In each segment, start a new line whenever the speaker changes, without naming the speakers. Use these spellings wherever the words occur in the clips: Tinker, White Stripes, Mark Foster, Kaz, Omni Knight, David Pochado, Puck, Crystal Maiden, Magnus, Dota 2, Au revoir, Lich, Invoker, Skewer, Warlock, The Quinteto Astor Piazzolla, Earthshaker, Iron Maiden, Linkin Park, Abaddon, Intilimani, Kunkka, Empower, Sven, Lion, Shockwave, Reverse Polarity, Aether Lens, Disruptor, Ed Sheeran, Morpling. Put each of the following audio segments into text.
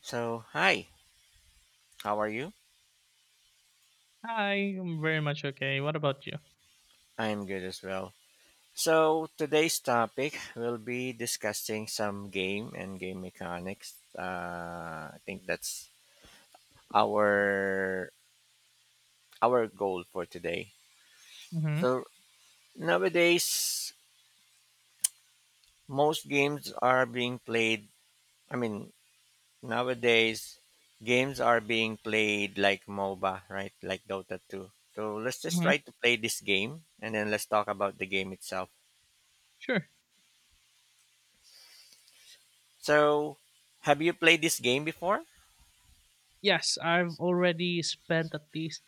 So, hi, how are you?
Hi, I'm very much okay. What about you?
I'm good as well. So, today's topic will be discussing some game and game mechanics. I think that's our our goal for today.
Mm-hmm.
So, nowadays most games are being played, I mean, nowadays games are being played like MOBA, right? Like Dota 2. So, let's just
Mm-hmm.
try to play this game and then let's talk about the game itself.
Sure.
So, have you played this game before?
Yes, I've already spent at least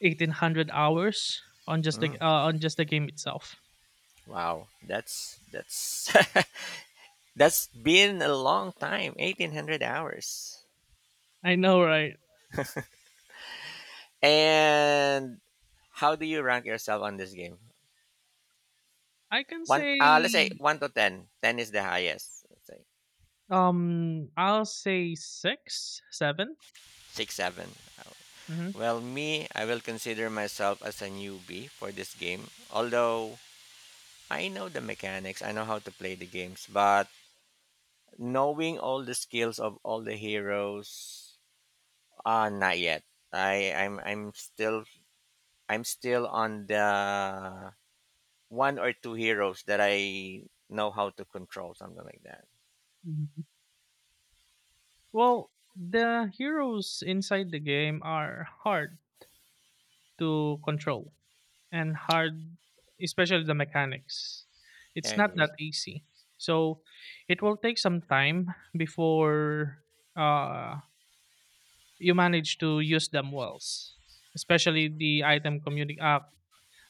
1,800 hours
Mm,
on just the game itself.
wow, that's that's been a long time, 1,800 hours.
I know, right?
And how do you rank yourself on this game?
I can
Let's say
say
one to ten. 10 is the highest. Let's say
I'll say six, seven.
six, seven.
Mm-hmm.
Well, me, I will consider myself as a newbie for this game. Although I know the mechanics, I know how to play the games, but knowing all the skills of all the heroes, not yet. I I'm I'm still I'm still on the one or two heroes that I know how to control, something like that.
Mm-hmm. Well, the heroes inside the game are hard to control and hard, especially the mechanics.
I
It's not that
agree.
easy. So it will take some time before uh, you manage to use them well, especially the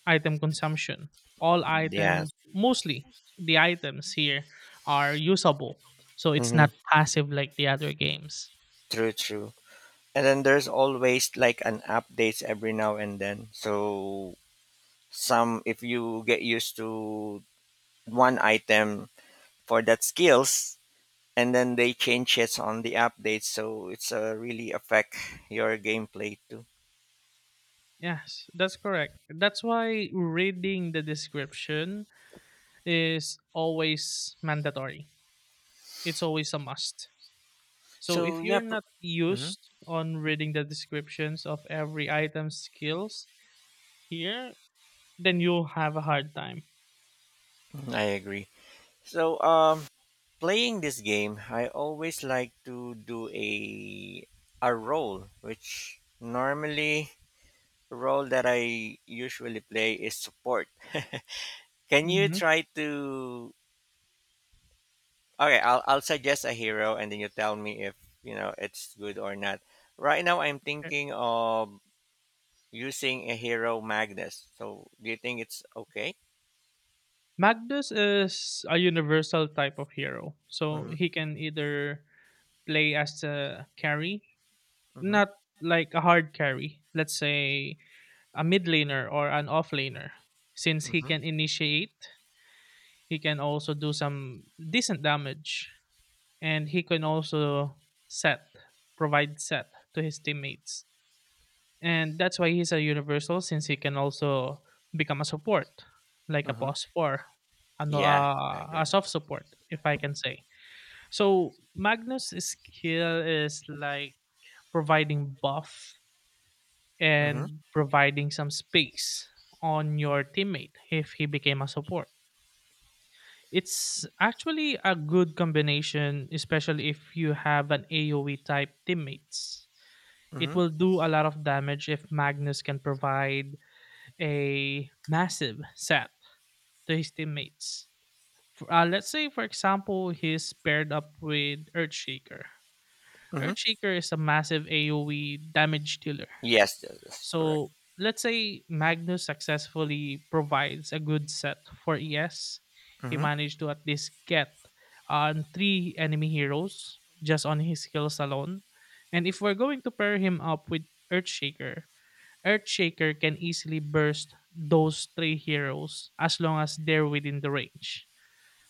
item consumption. All items,
Yes.
mostly the items here are usable. So it's
hmm
not passive like the other games.
True, true. And then there's always like an updates every now and then. So some if you get used to one item for that skills and then they change it on the updates so it's really affect your gameplay too.
Yes, that's correct. That's why reading the description is always mandatory. It's always a must. So
So,
if
yeah,
you're not
mm-hmm.
used on reading the descriptions of every item's skills here, then you'll have a hard time.
I agree. So, playing this game, I always like to do a role, which normally role that I usually play is support. Can you
Mhm.
try to? Okay, I'll suggest a hero, and then you tell me if you know it's good or not. Right now, I'm thinking of using a hero Magnus. So, do you think it's okay?
Magnus is a universal type of hero. So
Mm-hmm.
he can either play as a carry,
Mm-hmm.
not like a hard carry, let's say a mid laner or an off laner. Since he
Mm-hmm.
can initiate, he can also do some decent damage, and he can also set provide set to his teammates, and that's why he's a universal, since he can also become a support like a
Mm-hmm.
pos 4, ano
Yeah, I
a
agree.
soft support if I can say. So magnus skill is like providing buff
Mm-hmm.
and providing some space on your teammate if he became a support. It's actually a good combination, especially if you have an AoE type teammates. It
Mm-hmm.
will do a lot of damage if Magnus can provide a massive set to his teammates. For, let's say, for example, he's paired up with Earthshaker.
Mm-hmm.
Earthshaker is a massive AoE damage dealer.
Yes, yes, yes, correct.
So let's say Magnus successfully provides a good set for ES. He
Hmm.
managed to at least get on 3 enemy heroes just on his skills alone. And if we're going to pair him up with Earthshaker, Earthshaker can easily burst those 3 heroes as long as they're within the range.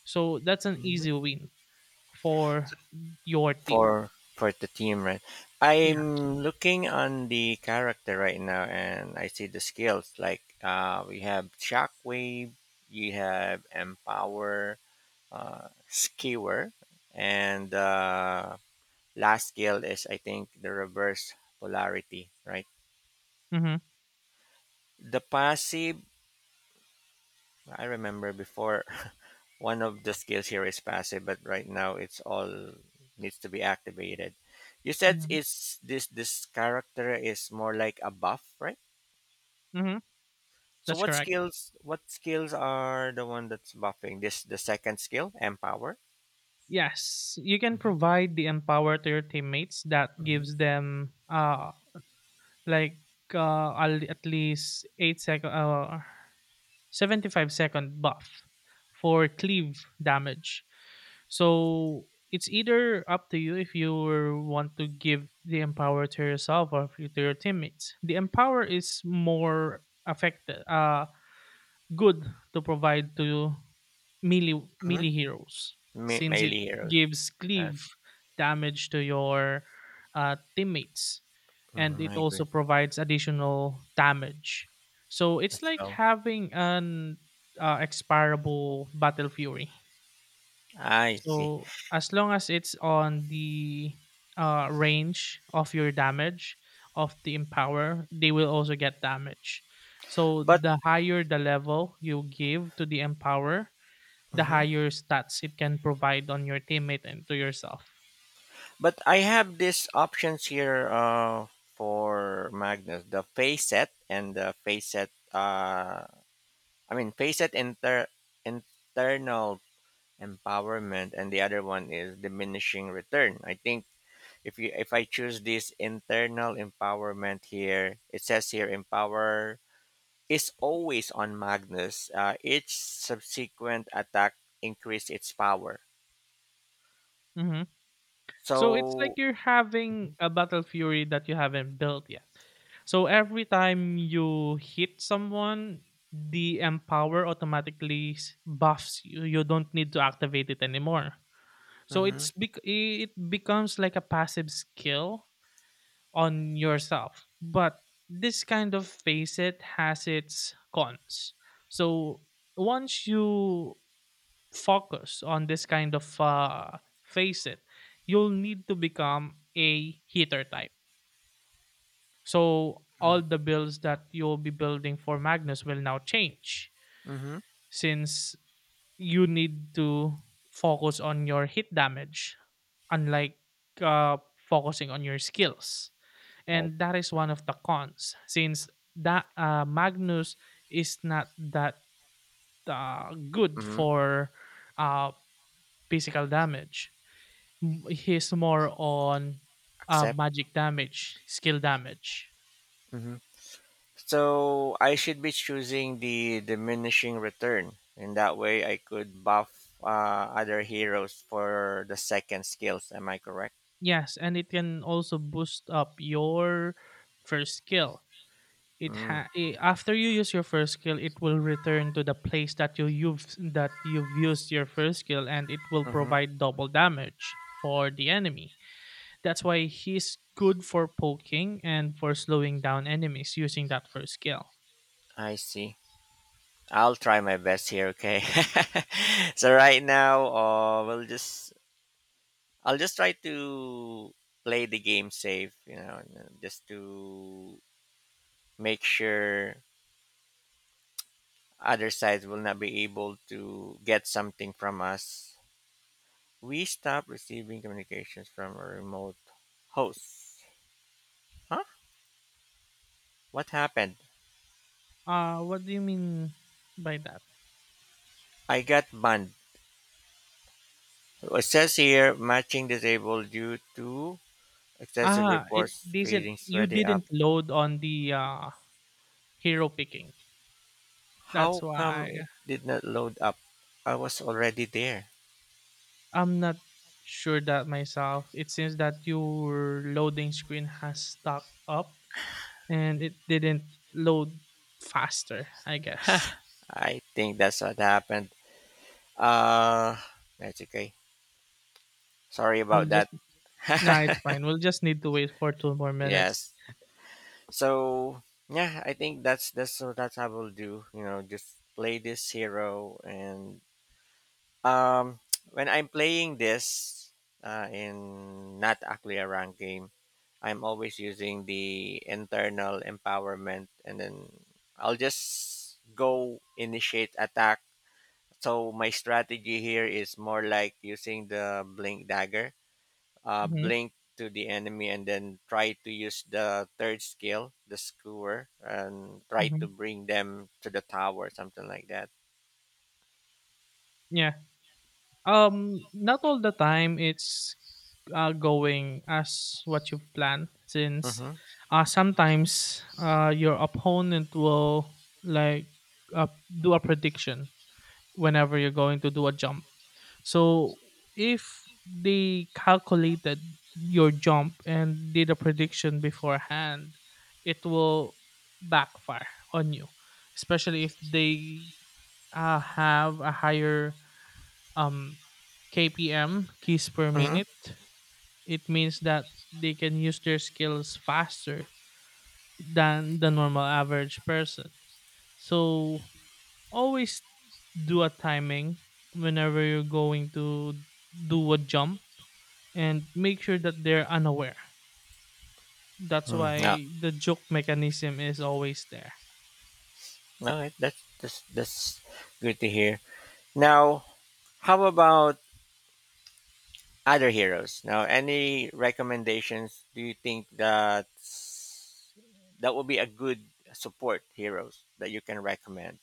So that's an
Mhm.
easy win for your team.
For for the team, right?
Yeah.
I'm looking on the character right now, and I see the skills. Like we have Shockwave, you have Empower, Skewer, and last skill is, I think, the reverse polarity, right?
Mm-hmm.
The passive, I remember before, one of the skills here is passive, but right now it's all needs to be activated. You said
Mm-hmm.
it's this this character is more like a buff, right?
Mm-hmm.
So,
That's
what
correct.
skills what skills are the one that's buffing? This the second skill, empower.
Yes, you can
Mm-hmm.
provide the empower to your teammates that gives
Mm-hmm.
them like at least 8 second 75-second buff for cleave damage. So it's either up to you if you want to give the empower to yourself or if you- to your teammates. The empower is more affected good to provide to melee
hmm
melee heroes,
Me-
since it
melee heroes.
gives
Yes.
cleave damage to your teammates, and it
I agree
also provides additional damage, so it's
as
like
well.
having an expirable battle fury.
I see,
So as long as it's on the range of your damage of the empower, they will also get damage. So
but
the higher the level you give to the empower, the
Mhm.
higher stats it can provide on your teammate and to yourself.
But I have these options here, for Magnus: the facet and the facet. I mean, facet internal empowerment, and the other one is diminishing return. I think if I choose this internal empowerment here, it says here empower is always on Magnus. Each subsequent attack increase its power.
hmm So it's like
So.
you're
Mhm.
having a battle fury that you haven't built yet. So every time you hit someone, the empower buffs you. You don't need to activate it anymore. So
Mm-hmm.
it becomes like a passive skill on yourself. But this kind of facet has its cons. So once you focus on this kind of face, you'll need to become a hitter type. So all the builds that you'll be building for Magnus will now change,
Mm-hmm.
since you need to focus on your hit damage, unlike focusing on your skills. And that is one of the cons, since that Magnus is not that good
Right.
for uh, physical damage. He's more on
Accept.
magic damage, skill damage.
hmm So I should be choosing the diminishing return. In that way, I could buff other heroes for the second skills. Am I correct?
Yes, and it can also boost up your first skill.
Mm,
After you use your first skill, it will return to the place that you've used your first skill, and it will
mm-hmm.
provide double damage for the enemy. That's why he's good for poking and for slowing down enemies using that first skill.
I see. I'll try my best here. Okay. So right now, we'll just I'll just try to play the game safe. And, just to make sure other sides will not be able to get something from us. We stopped receiving communications from a remote host. Huh? What happened?
What do you mean by that?
I got banned. It says here matching disabled due to excessive
It
reports
didn't,
fading
you
sweaty up.
didn't load on the hero picking,
How
that's
come
why.
it did not load up? I was already there.
I'm not sure that myself. It seems that your loading screen has stuck up, and it didn't load faster, I guess.
I think that's what happened. Uh, that's okay. Sorry about
We'll
that.
just Nah, it's fine. We'll just need to wait for 2 more minutes.
Yes. So, yeah, I think that's so that's how we'll do. Just play this hero and Um, when I'm playing this, in not actually a ranked game, I'm always using the internal empowerment, and then I'll just go initiate attack. So my strategy here is more like using the blink dagger,
Mhm,
blink to the enemy, and then try to use the third skill, the skewer, and try to
mhm.
bring them to the tower, something like that.
Yeah. Not all the time going as what you've planned, since,
Mm-hmm.
sometimes, your opponent will, like, uh, do a prediction whenever you're going to do a jump. So if they calculated your jump and did a prediction beforehand, it will backfire on you, especially if they have a higher um, KPM, keys per minute. It means that they can use their skills faster than the normal average person. So always do a timing whenever you're going to do a jump, and make sure that they're unaware. That's
Mm-hmm.
why the joke mechanism is always there.
All right, that's good to hear. Now, how about other heroes? Now, any recommendations? Do you think that that would be a good support heroes that you can recommend?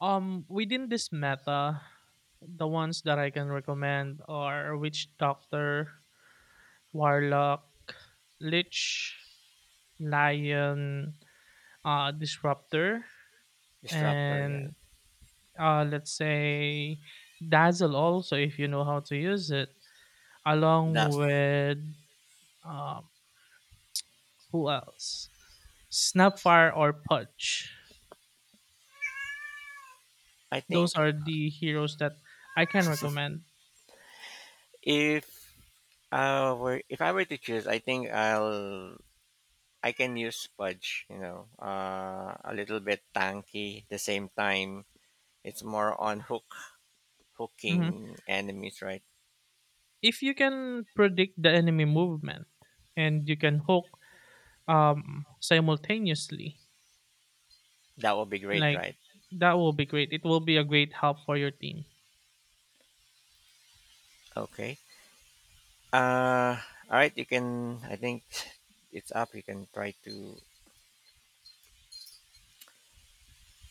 Within this meta, the ones that I can recommend are Witch Doctor, Warlock, Lich, Lion, Disruptor,
Disruptor, yeah.
and let's say Dazzle also, if you know how to use it, along
That's
with um, who else? Snapfire or Pudge.
I
Those
think,
are the heroes that I can recommend.
if if I were to choose, I think I can use Spudge. A little bit tanky. At the same time, it's more on hook
Mm-hmm.
hooking enemies, right?
If you can predict the enemy movement and you can hook simultaneously,
That would be great,
like
right?
that will be great. It will be a great help for your team.
Okay. Uh, all right. You can. I think it's up. You can try to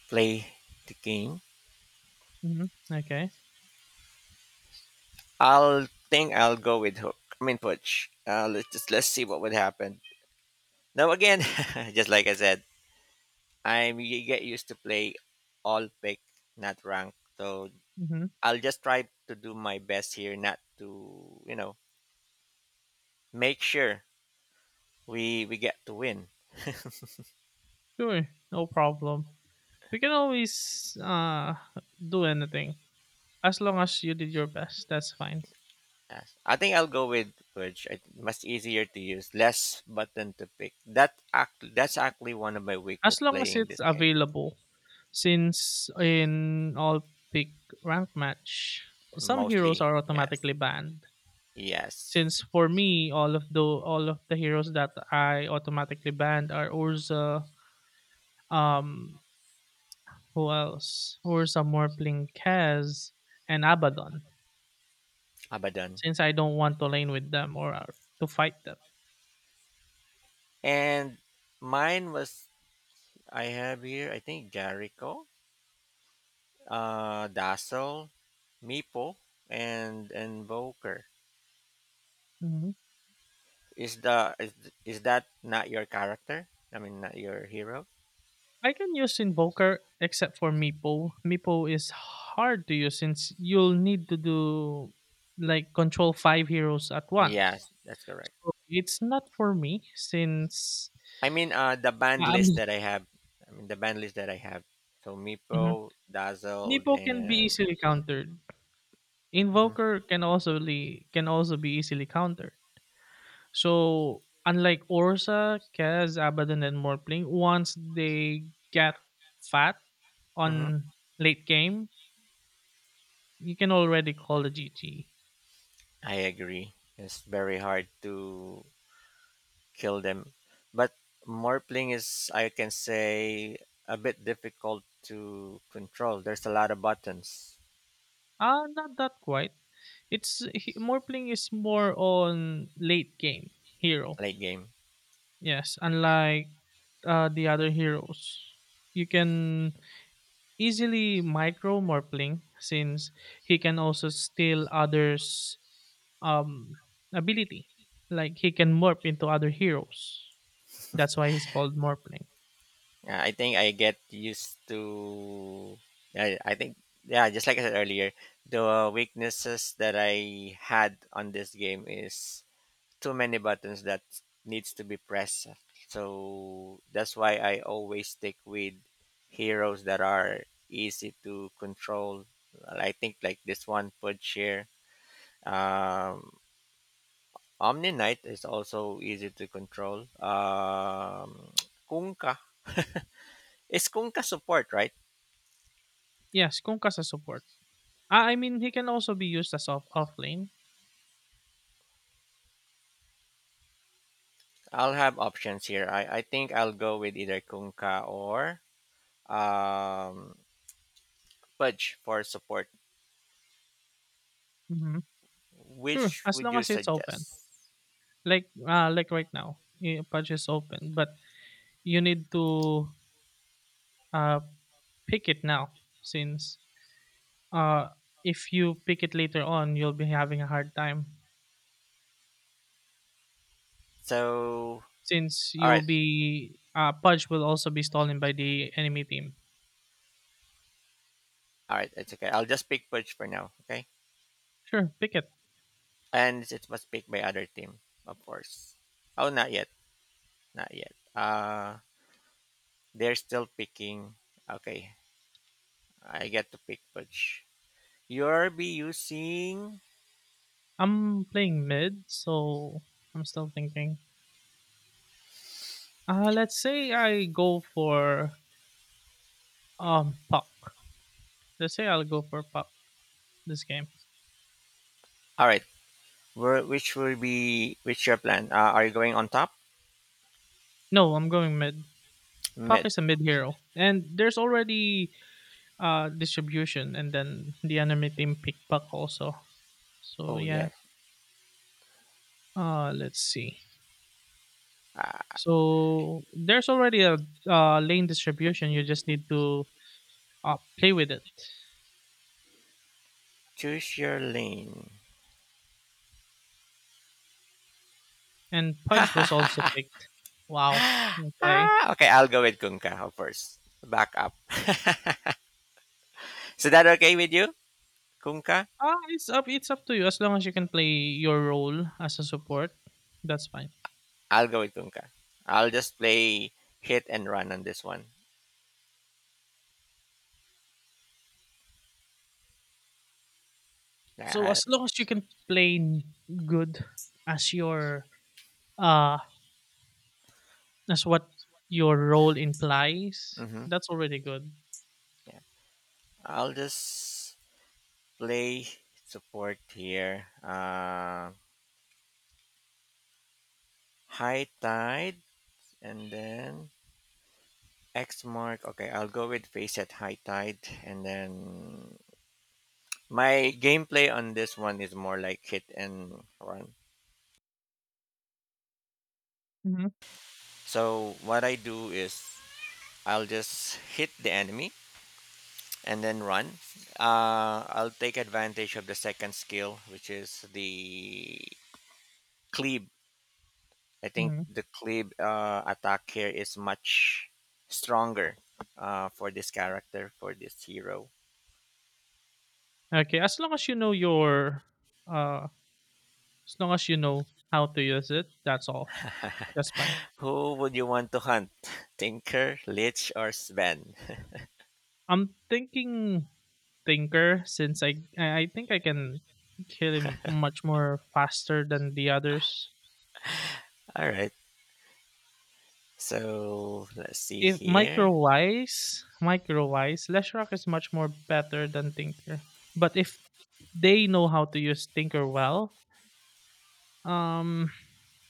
play the game.
hmm Okay.
I'll think I'll go with Hook. I mean, Pudge. Let's just let's see what would happen. Now again, just like I said, I'm you get used to play all pick, not rank. So
hmm
I'll just try to do my best here, not to, make sure we get to win.
Sure. No problem. We can always do anything as long as you did your best. That's fine.
Yes. I think I'll go with which I much easier to use, less button to pick. That's actually one of my
As
weakness
long as
playing
it's
this game.
available, since in all pick rank match, some heroes
Mostly,
are
yes,
automatically banned.
yes,
Since for me, all of the heroes that I automatically banned are Urza, um, who else? Urza, Morpling, Kaz, and Abaddon.
Abaddon.
Since I don't want to lane with them, or to fight them.
And mine was, I have here, I think, Jericho, Dazzle, Meepo, and Invoker.
hmm
Is the is, is that not your character? I mean, not your hero?
I can use Invoker except for Meepo. Meepo is hard to use, since you'll need to do like control 5 heroes at once.
Yes, that's correct.
So it's not for me, since
I mean, the band
I'm
list
not.
that I have. I mean, the band list that I have. So
Mhm.
Meepo, Dazzled,
Meepo can be
and
easily countered.
hmm
Invoker can also can also be easily countered. So unlike Orsa, Kaz, Abaddon, and Morpling, once they get fat
hmm
on late game, you can already call a GG.
I agree. It's very hard to kill them, but Morpling is, I can say, a bit difficult to control. There's a lot of buttons
Ah, not that quite. Morpling is more on late game hero.
late game.
Yes, unlike the other heroes, you can easily micro Morpling since he can also steal others um ability. Like he can morph into other heroes. That's why he's called Morphling.
Yeah, I think I get used to. I think yeah, just like I said earlier, the weaknesses that I had on this game is too many buttons that needs to be pressed. So that's why I always stick with heroes that are easy to control. I think like this one, Pudshare. Um, Omni Knight is also easy to control. Kunkka. Is Kunkka support, right?
Yes, Kunkka as support. Ah, I mean he can also be used as off lane.
I'll have options here. I think I'll go with either Kunkka or, um, Pudge for support.
hmm Sure,
Which
as
would
long
you
as it's open.
suggest?
Like right now, Pudge is open, but you need to uh pick it now, since uh if you pick it later on, you'll be having a hard time,
So,
since
all
you'll
right.
be Pudge will also be stolen by the enemy team.
All right. It's okay. I'll just pick Perch for now. Okay.
Sure, pick it.
And it was picked by other team, of course. Oh, not yet. Not yet. They're still picking. Okay. I get to pick Perch. You'll be using.
I'm playing mid, so I'm still thinking. Let's say I go for Puck. Let's say I'll go for Puck this game.
All right. Which will be which your plan? Are you going on top,
No, I'm going mid. Puck
mid?
is a mid hero, and there's already distribution, and then the enemy team pick Puck also. So
Oh
yeah.
yeah.
Let's see.
Uh,
So there's already a lane distribution. You just need to play with it.
choose your lane.
And Pudge was also picked. Wow. Okay.
Ah, okay, I'll go with Kunka, of course. Back up. Is that okay with you, Kunka?
Ah, it's up to you, as long as you can play your role as a support, that's fine.
I'll go with Tunka. I'll just play hit and run on this one.
So
Yeah,
as long as you can good as your uh as what your role
I,
implies,
hmm
that's already good.
yeah. I'll just play support here. High tide and then X mark. Okay, I'll go with face at high tide and then my gameplay on this one is more like hit and run.
hmm
So what I do is I'll just hit the enemy and then run. I'll take advantage of the second skill, which is the cleave. I think
hmm
the cleave attack here is much stronger, for this character, for this hero.
Okay, as long as you know your uh as long as you know how to use it, that's all. That's fine.
Who would you want to hunt? Tinker, Lich, or Sven?
I'm thinking thinker, since I think I can kill him much more faster than the others.
All right. So let's see
If
here.
microwise, LessRock is much more better than Tinker. But if they know how to use Tinker well, um,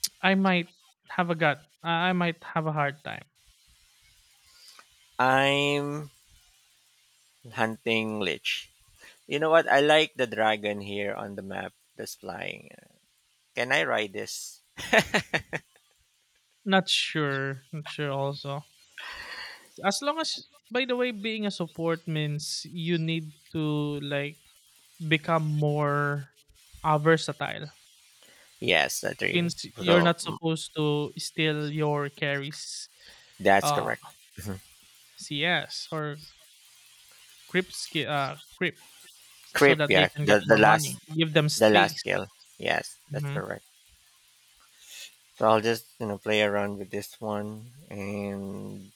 I might have a gut. I might have a hard time.
I'm hunting Lich. You know what? I like the dragon here on the map that's flying. Can I ride this?
Not sure. Not sure. Also, as long as, by the way, being a support means you need to like become more versatile,
Yes, that three.
since you're
So
not supposed to steal your carries
that's
uh
correct. Mhm.
CS or grip, so
Creep,
that they
yeah.
can get
The the
more
last
money. Give them
the last
space.
skill. Yes, that's
Mhm.
correct. So I'll just, play around with this one, and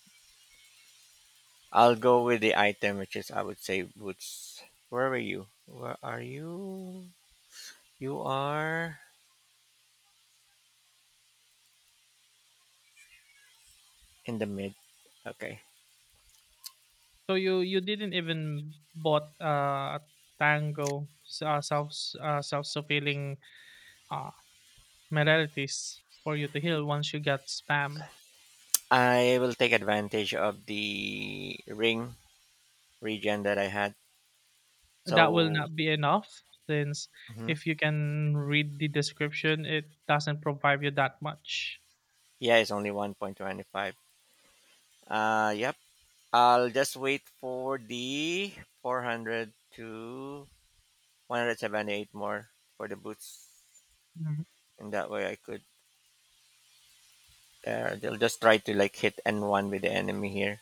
I'll go with the item, which is, I would say, boots. Where were you? Where are you? You are in the mid. Okay.
So you didn't even bought a tango s- self s- self fulfilling uh, modalities for you to heal once you got spam.
I will take advantage of the ring regen that I had.
That will
So,
not be enough, since
mhm.
if you can read the description, it doesn't provide you that much.
Yeah, it's only 1.25. Yep. I'll just wait for the 400 to 178 more for the boots.
Mhm.
And that way I could, they'll just try to like hit N1 with the enemy here.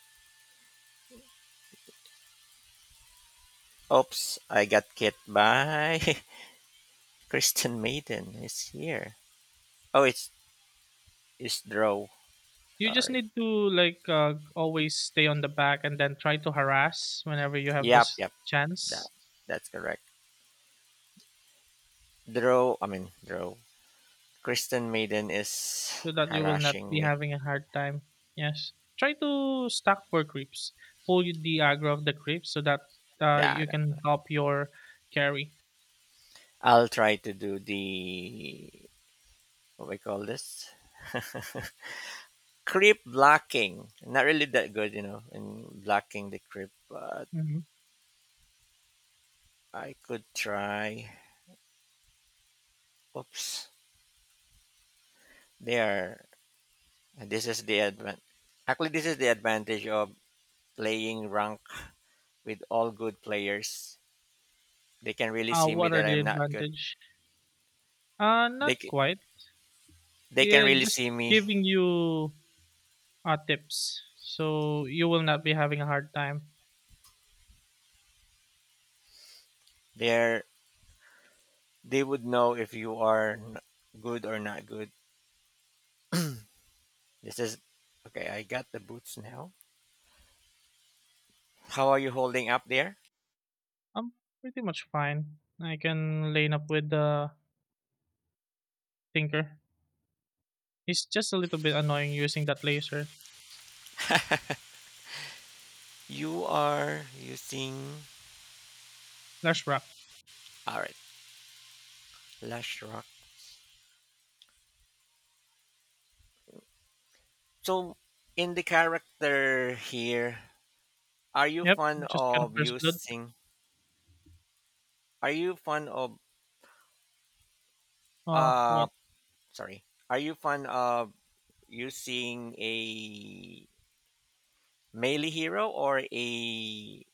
Oops, I got hit by Christian Maiden is here. Oh, it's Drow.
You just
Sorry.
need to like always stay on the back and then try to harass whenever you have
Yep,
this
yep. That,
chance,
that's correct. Drow, I mean, Drow. Christian Maiden is
so that you will not
harassing
be
me.
having a hard time. Yes. Try to stack for creeps. Pull the aggro of the creeps so that you
That,
can help your carry.
I'll try to do the what we call this, creep blocking. Not really that good, in blocking the creep, but
hmm
I could try. Oops, there. This is the advan. Actually, this is the advantage of playing rank with all good players. They can really see me
What are
that
the
I'm not good.
advantage?
They
Not quite.
they can
Yeah,
really
just
see me.
giving you tips so you will not be having a hard time.
They're they would know if you are good or not good. This is okay. I got the boots now. How are you holding up there?
I'm pretty much fine. I can lane up with the Tinker. He's just a little bit annoying using that laser.
You are using.
Lash wrap.
All right, Lash Rock. So, in the character here, are you
Yep,
fond
just got a
of
first blood.
using? Are you fond of
Oh,
uh? Sorry, are you fond of using a melee hero or a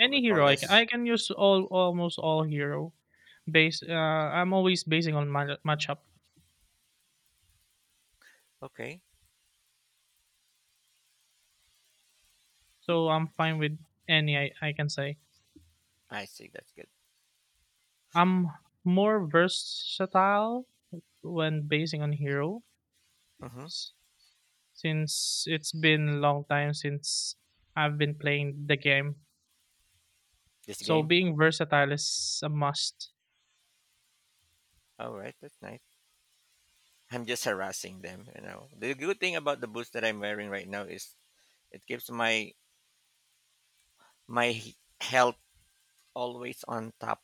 what we call
hero
this?
I can use all almost all hero base. I'm always basing on my matchup,
Okay,
so I'm fine with any. I can say
I see. That's good.
I'm more versatile when basing on hero,
Mm-hmm.
s- since it's been long time since I've been playing the game.
This
So
game.
being versatile is a must.
All right, that's nice. I'm just harassing them. You know, the good thing about the boots that I'm wearing right now is it keeps my my health always on top.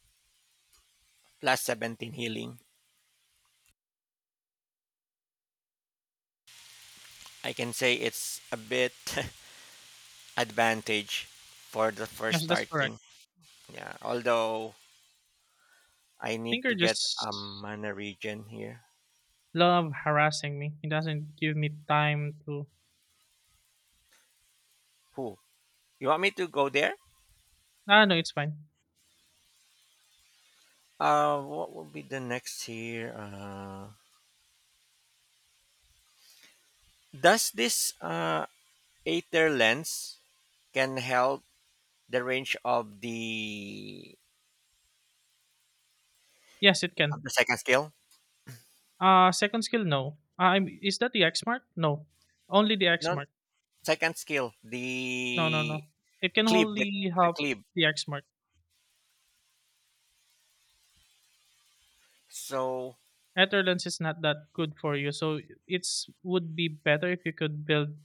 Plus 17 healing. I can say it's a bit advantage for the first
Yes, that's correct.
starting. Yeah, although I need
Tinker
to get a
just
mana region here.
love harassing me. He doesn't give me time to.
Who? You want me to go there?
Ah, no, it's fine.
What will be the next here? Does this Aether Lens can help the range of the
Yes, it can.
second skill?
Second skill, no. I'm, is that the X mark? No. Only the X
No,
mark.
second skill,
No, no,
the
no. It can
cleave, the,
only
the
help
cleave.
the X mark.
So
Etherlens is not that good for you, so it's would be better if you could build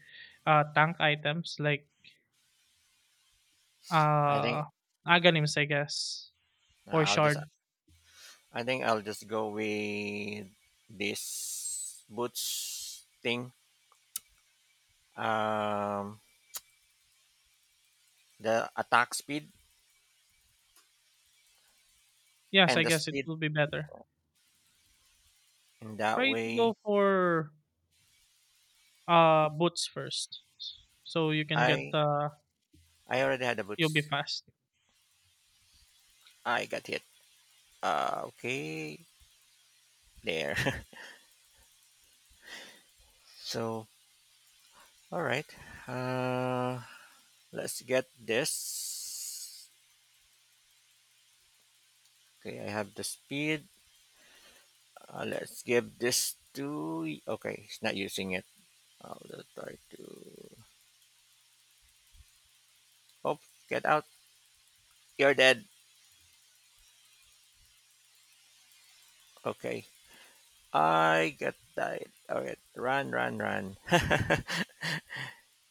tank items like
I think
uh aganims, I guess, or
I'll just
shard.
I think I'll just go with this boots thing. Um, the attack speed
Yes,
and
I
the
guess it
speed.
will be better.
In that
Try to
way,
go for boots first, so you can get
I I already had the
you'll be
boots.
fast.
I got hit. Okay, there. so all right. Uh, let's get this. Okay, I have the speed. Let's give this to. Okay, it's not using it. I'll just try to. Oh, get out. You're dead. Okay. I got died. Alright. Run, run, run.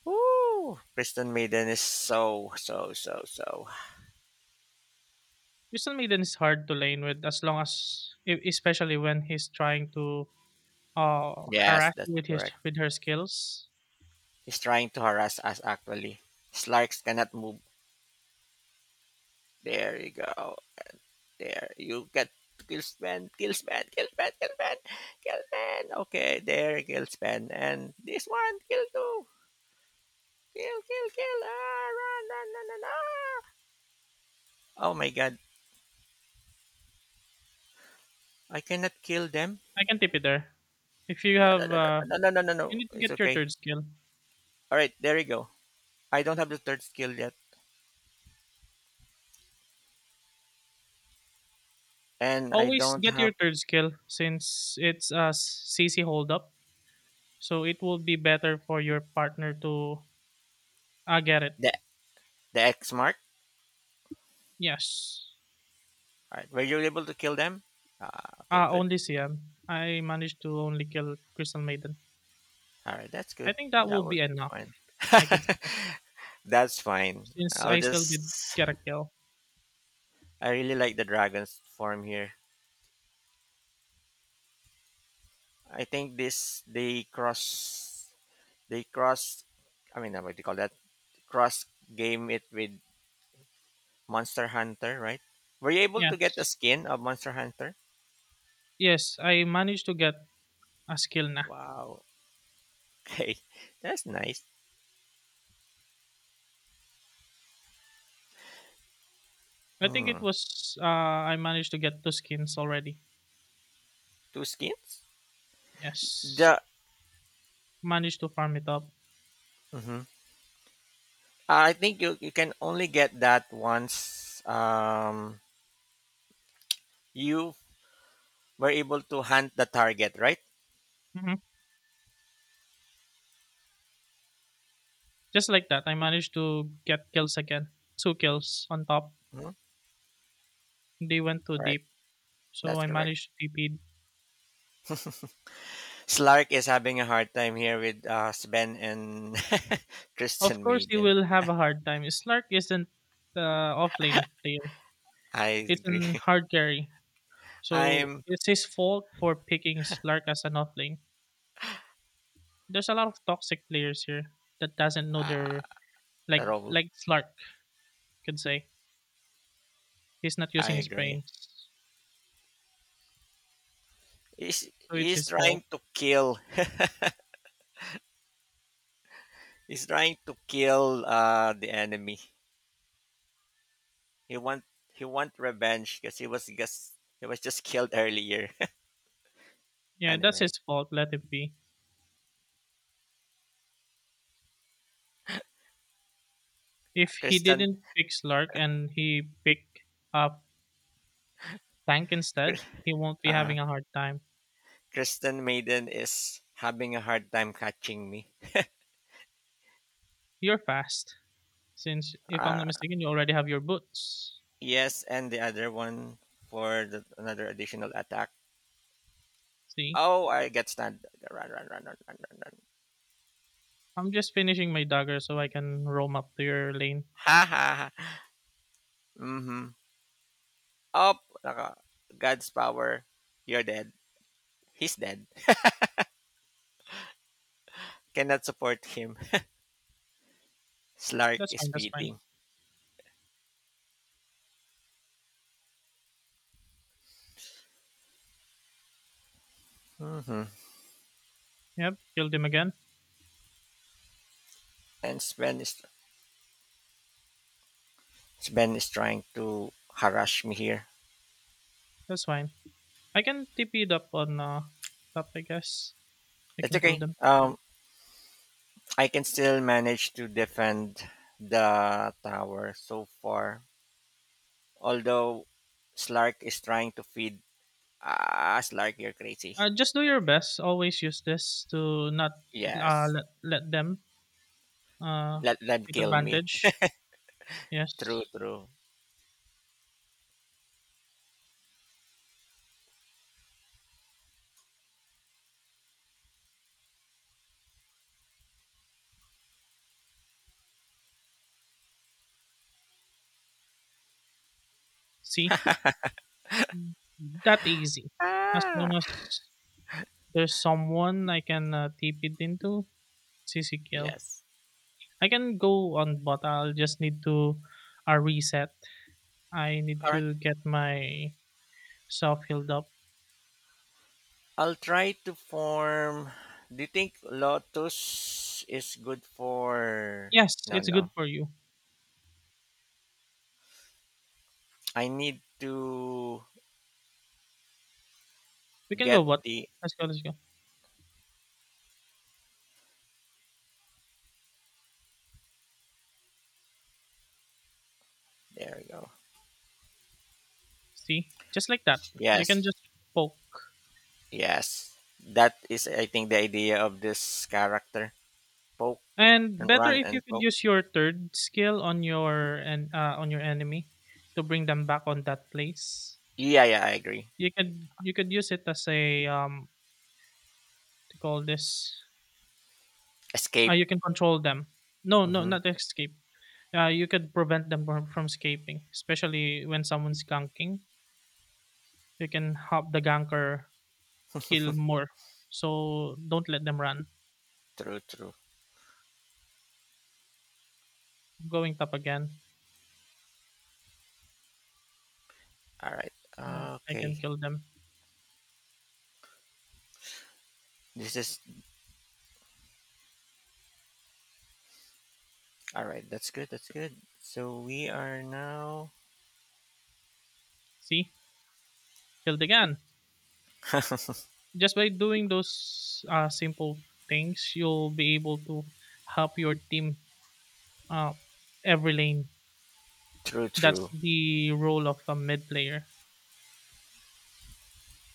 Woo! Kristen Maiden is so, so, so, so.
Jason Maiden is hard to lane with as long as especially when he's trying to
Yes,
harass
that's
you with his
correct.
with her skills.
He's trying to harass us actually. Slarks cannot move. There you go. There. You get kill span, kill span, kill span, kill span, kill span. Okay, there, kill span. And this one, kill two. Kill, kill, kill. Ah, run, run, run, run. Ah. Oh my god. I cannot kill them.
I can tip it there. If you
No, no,
have
no, no, no, no, no. no.
you
no.
need to
It's
get your
okay.
third skill.
All right, there you go. I don't have the third skill yet, and I
Always
don't
get
have
your third skill since it's a CC hold up. So it will be better for your partner to get it.
the X mark.
Yes.
All right, were you able to kill them? Ah, okay, good.
Only CM. I managed to only kill Crystal Maiden.
All right, that's
I
good.
think that will
That
be
would be
enough,
fine.
I could say.
That's fine.
Since
I'll
I still did
just.
get a kill.
I really like the dragon's form here. I think this they cross. I mean, what do you call that? Cross game it with Monster Hunter, right? Were you able to get the
Yes.
skin of Monster Hunter?
Yes, I managed to get a skill na.
Wow. Okay, that's nice.
I think it
Hmm.
was I managed to get two skins already.
Two skins?
Yes.
The
Managed to farm it up.
mhm. I think you can only get that once you were able to hunt the target, right?
Hmm. Just like that, I managed to get kills again. Two kills on top.
Mhm.
They went too
All right,
deep, so
that's
I
correct.
managed to TP.
Slark is having a hard time here with Sven and
Of
Christian
course, you
Maiden.
will have a hard time. Slark isn't offlane player.
I
It's
agree.
an hard carry. So
I'm
it's his fault for picking Slark as an offlane. There's a lot of toxic players here that doesn't know their
uh,
Like
Raul.
like Slark could say, he's not
I
using his
agree.
brains, so it's
He's
his fault.
trying to kill. He's trying to kill the enemy. He want he want revenge because he was just killed earlier.
Yeah, that's
Anyway,
his fault. Let it be. If he
Kristen
didn't pick Slark and he picked up Tank instead, he won't be
uh,
having a hard time.
Kristen Maiden is having a hard time catching me.
You're fast, since if I'm
Uh,
not mistaken, you already have your boots.
yes, and the other one for another additional attack.
See,
Oh, I get stunned. Run, run, run, run, run, run, run.
I'm just finishing my dagger so I can roam up to your lane.
Ha ha ha. Mm-hmm. Up. Naka. God's power. You're dead. He's dead. Cannot support him. Slark
That's
is
fine. That's fine.
beating. Mm-hmm.
Yep, killed him again.
And Sven is Si Ben is trying to harass me here.
That's fine. I can TP it up on top, I guess. I
It's
can kill
okay.
them.
I can still manage to defend the tower so far. Although Slark is trying to feed. Ah, Slark, you're crazy.
Just do your
Okay.
best. Always use this to not
Yes.
let them uh,
Let them
take
kill me.
advantage.
True,
Yes.
true.
See? That easy. As long
Ah.
as there's someone I can tip it into, it's easy kill.
Yes.
I can go on bot. I'll just need to reset. I need
All right.
to get my self healed up.
I'll try to form. Do you think Lotus is good for?
Yes,
No,
it's good
no.
for you.
I need to
We can
get
go bot.
the
Let's go, let's go.
There we go.
See? Just like that. You can
Yes.
just poke.
Yes. That is I think the idea of this character. Poke
And
and
better
run
if you
and
could
poke.
use your third skill on your and on your enemy to bring them back on that place.
Yeah, yeah, I agree.
You could use it as a to call this.
Escape.
You can control them. No, no,
Mm-hmm.
not escape. You could prevent them from escaping, especially when someone's ganking. You can help the ganker kill more. So don't let them run.
True, true.
I'm going top again.
All right.
Oh, I can
Okay.
kill them.
This is all right. That's good. That's good. So we are now
See, killed again. Just by doing those simple things, you'll be able to help your team uh, every lane.
true, true.
That's the role of a mid player,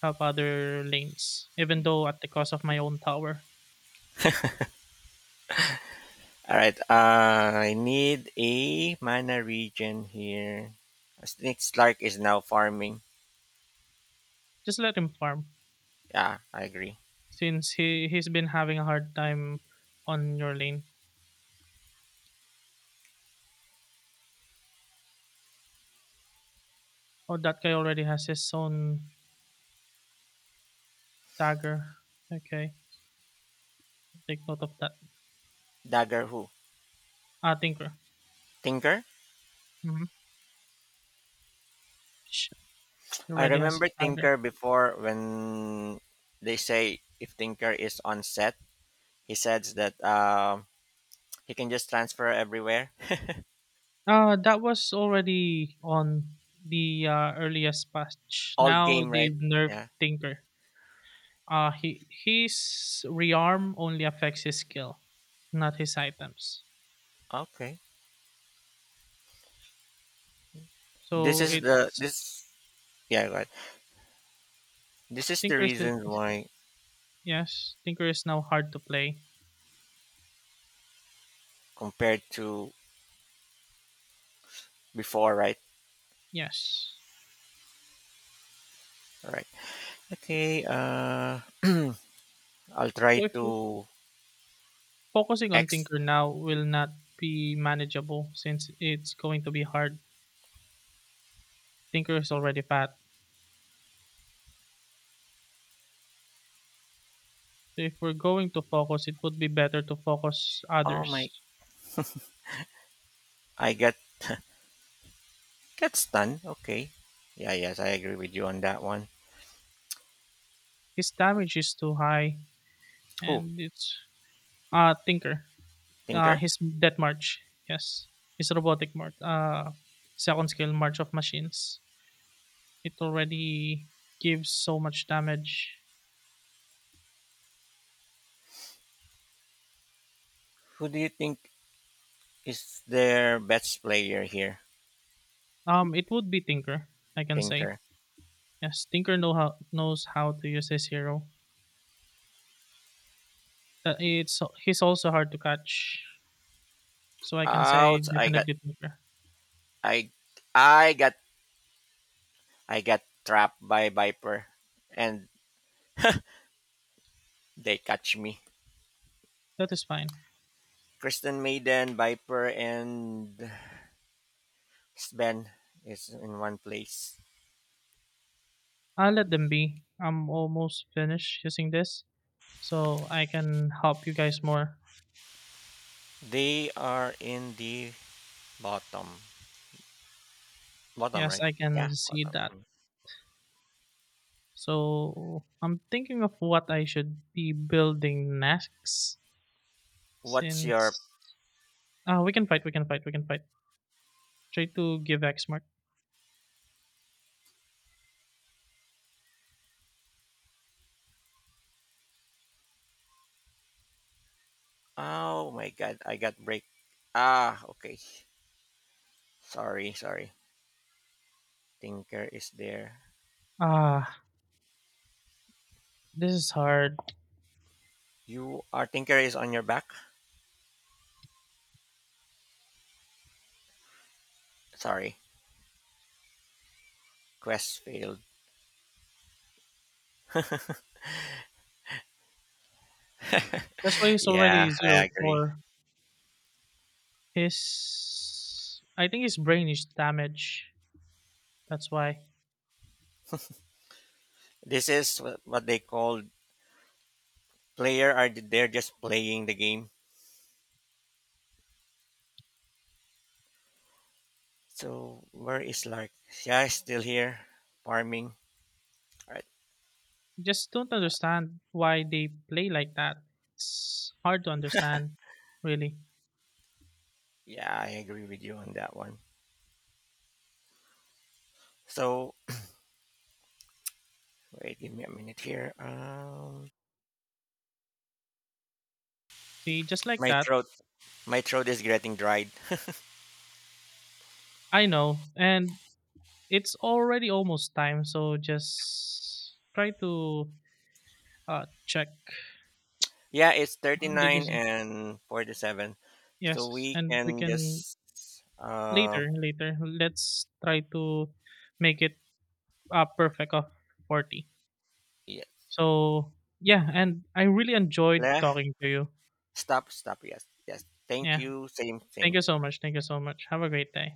help other lanes, even though at the cost of my own tower.
All right. I need a mana region here. Snake Slark is now farming.
Just let him farm
Yeah, I agree.
since he's been having a hard time on your lane. Oh, that guy already has his own dagger. Okay, take note of that.
Dagger who?
Ah, Tinker.
Tinker?
Mm-hmm.
I
Already has
remember Tinker
dagger.
before when they say if Tinker is on set, he says that he can just transfer everywhere.
That was already on the earliest patch.
Old
Now
game, right?
they've nerfed
Yeah.
Tinker. He his rearm only affects his skill, not his items.
Okay. This
So
is the
it's
this yeah right. This is the
Tinker is
reason why
yes. Tinker is now hard to play.
compared to before, right?
Yes.
All right. Okay. I'll try
So if we're
to
focusing on
X.
Tinker now will not be manageable since it's going to be hard. Tinker is already fat. So if we're going to focus, it would be better to focus
Oh my!
others.
I get stunned. Okay. Yeah. Yes, I agree with you on that one.
His damage is too high,
Who
and it's Tinker.
Tinker?
His Death March. Yes, his robotic march. Second skill March of Machines. It already gives so much damage.
Who do you think is their best player here,
It would be Tinker. I can say
Tinker.
yes. Tinker knows how to use his hero. It's he's also hard to catch, so I can say
Out!
definitely Tinker.
I I got I got trapped by Viper and they catch me.
That is fine.
Kristen Maiden, Viper and Sven is in one place.
I'll let them be. I'm almost finished using this, so I can help you guys more.
They are in the bottom. Bottom,
Yes,
right?
I can
Yeah,
see
bottom.
that.
Mm.
So I'm thinking of what I should be building next
What's your
since ah we can fight, we can fight, we can fight. Try to give X mark.
Oh my god, I got break. Ah, okay. Sorry, sorry. Tinker is there.
Ah, this is hard.
You are Tinker is on your back? Sorry. Crestfield.
That's why he's
Yeah,
already
I
zero
agree.
four. His I think his brain is damaged. That's why.
This is what they call player are they're just playing the game. So where is Lark? Yeah, he's still here farming. Right.
Just don't understand why they play like that. It's hard to understand, really.
Yeah, I agree with you on that one. So wait, give me a minute here.
See, just like
My
that.
my throat is getting dried.
I know. And it's already almost time, so just try to check.
Yeah, it's thirty
Did you
nine
see?
and 47. So
Yes,
we
and we
can
can
just uh
later, later. Let's try to make it perfect of 40.
yeah,
So, yeah, and I really enjoyed
left
talking to you.
stop yes yes. Thank
Yeah,
you. Same
thank
same.
you so much. Thank you so much. Have a great day.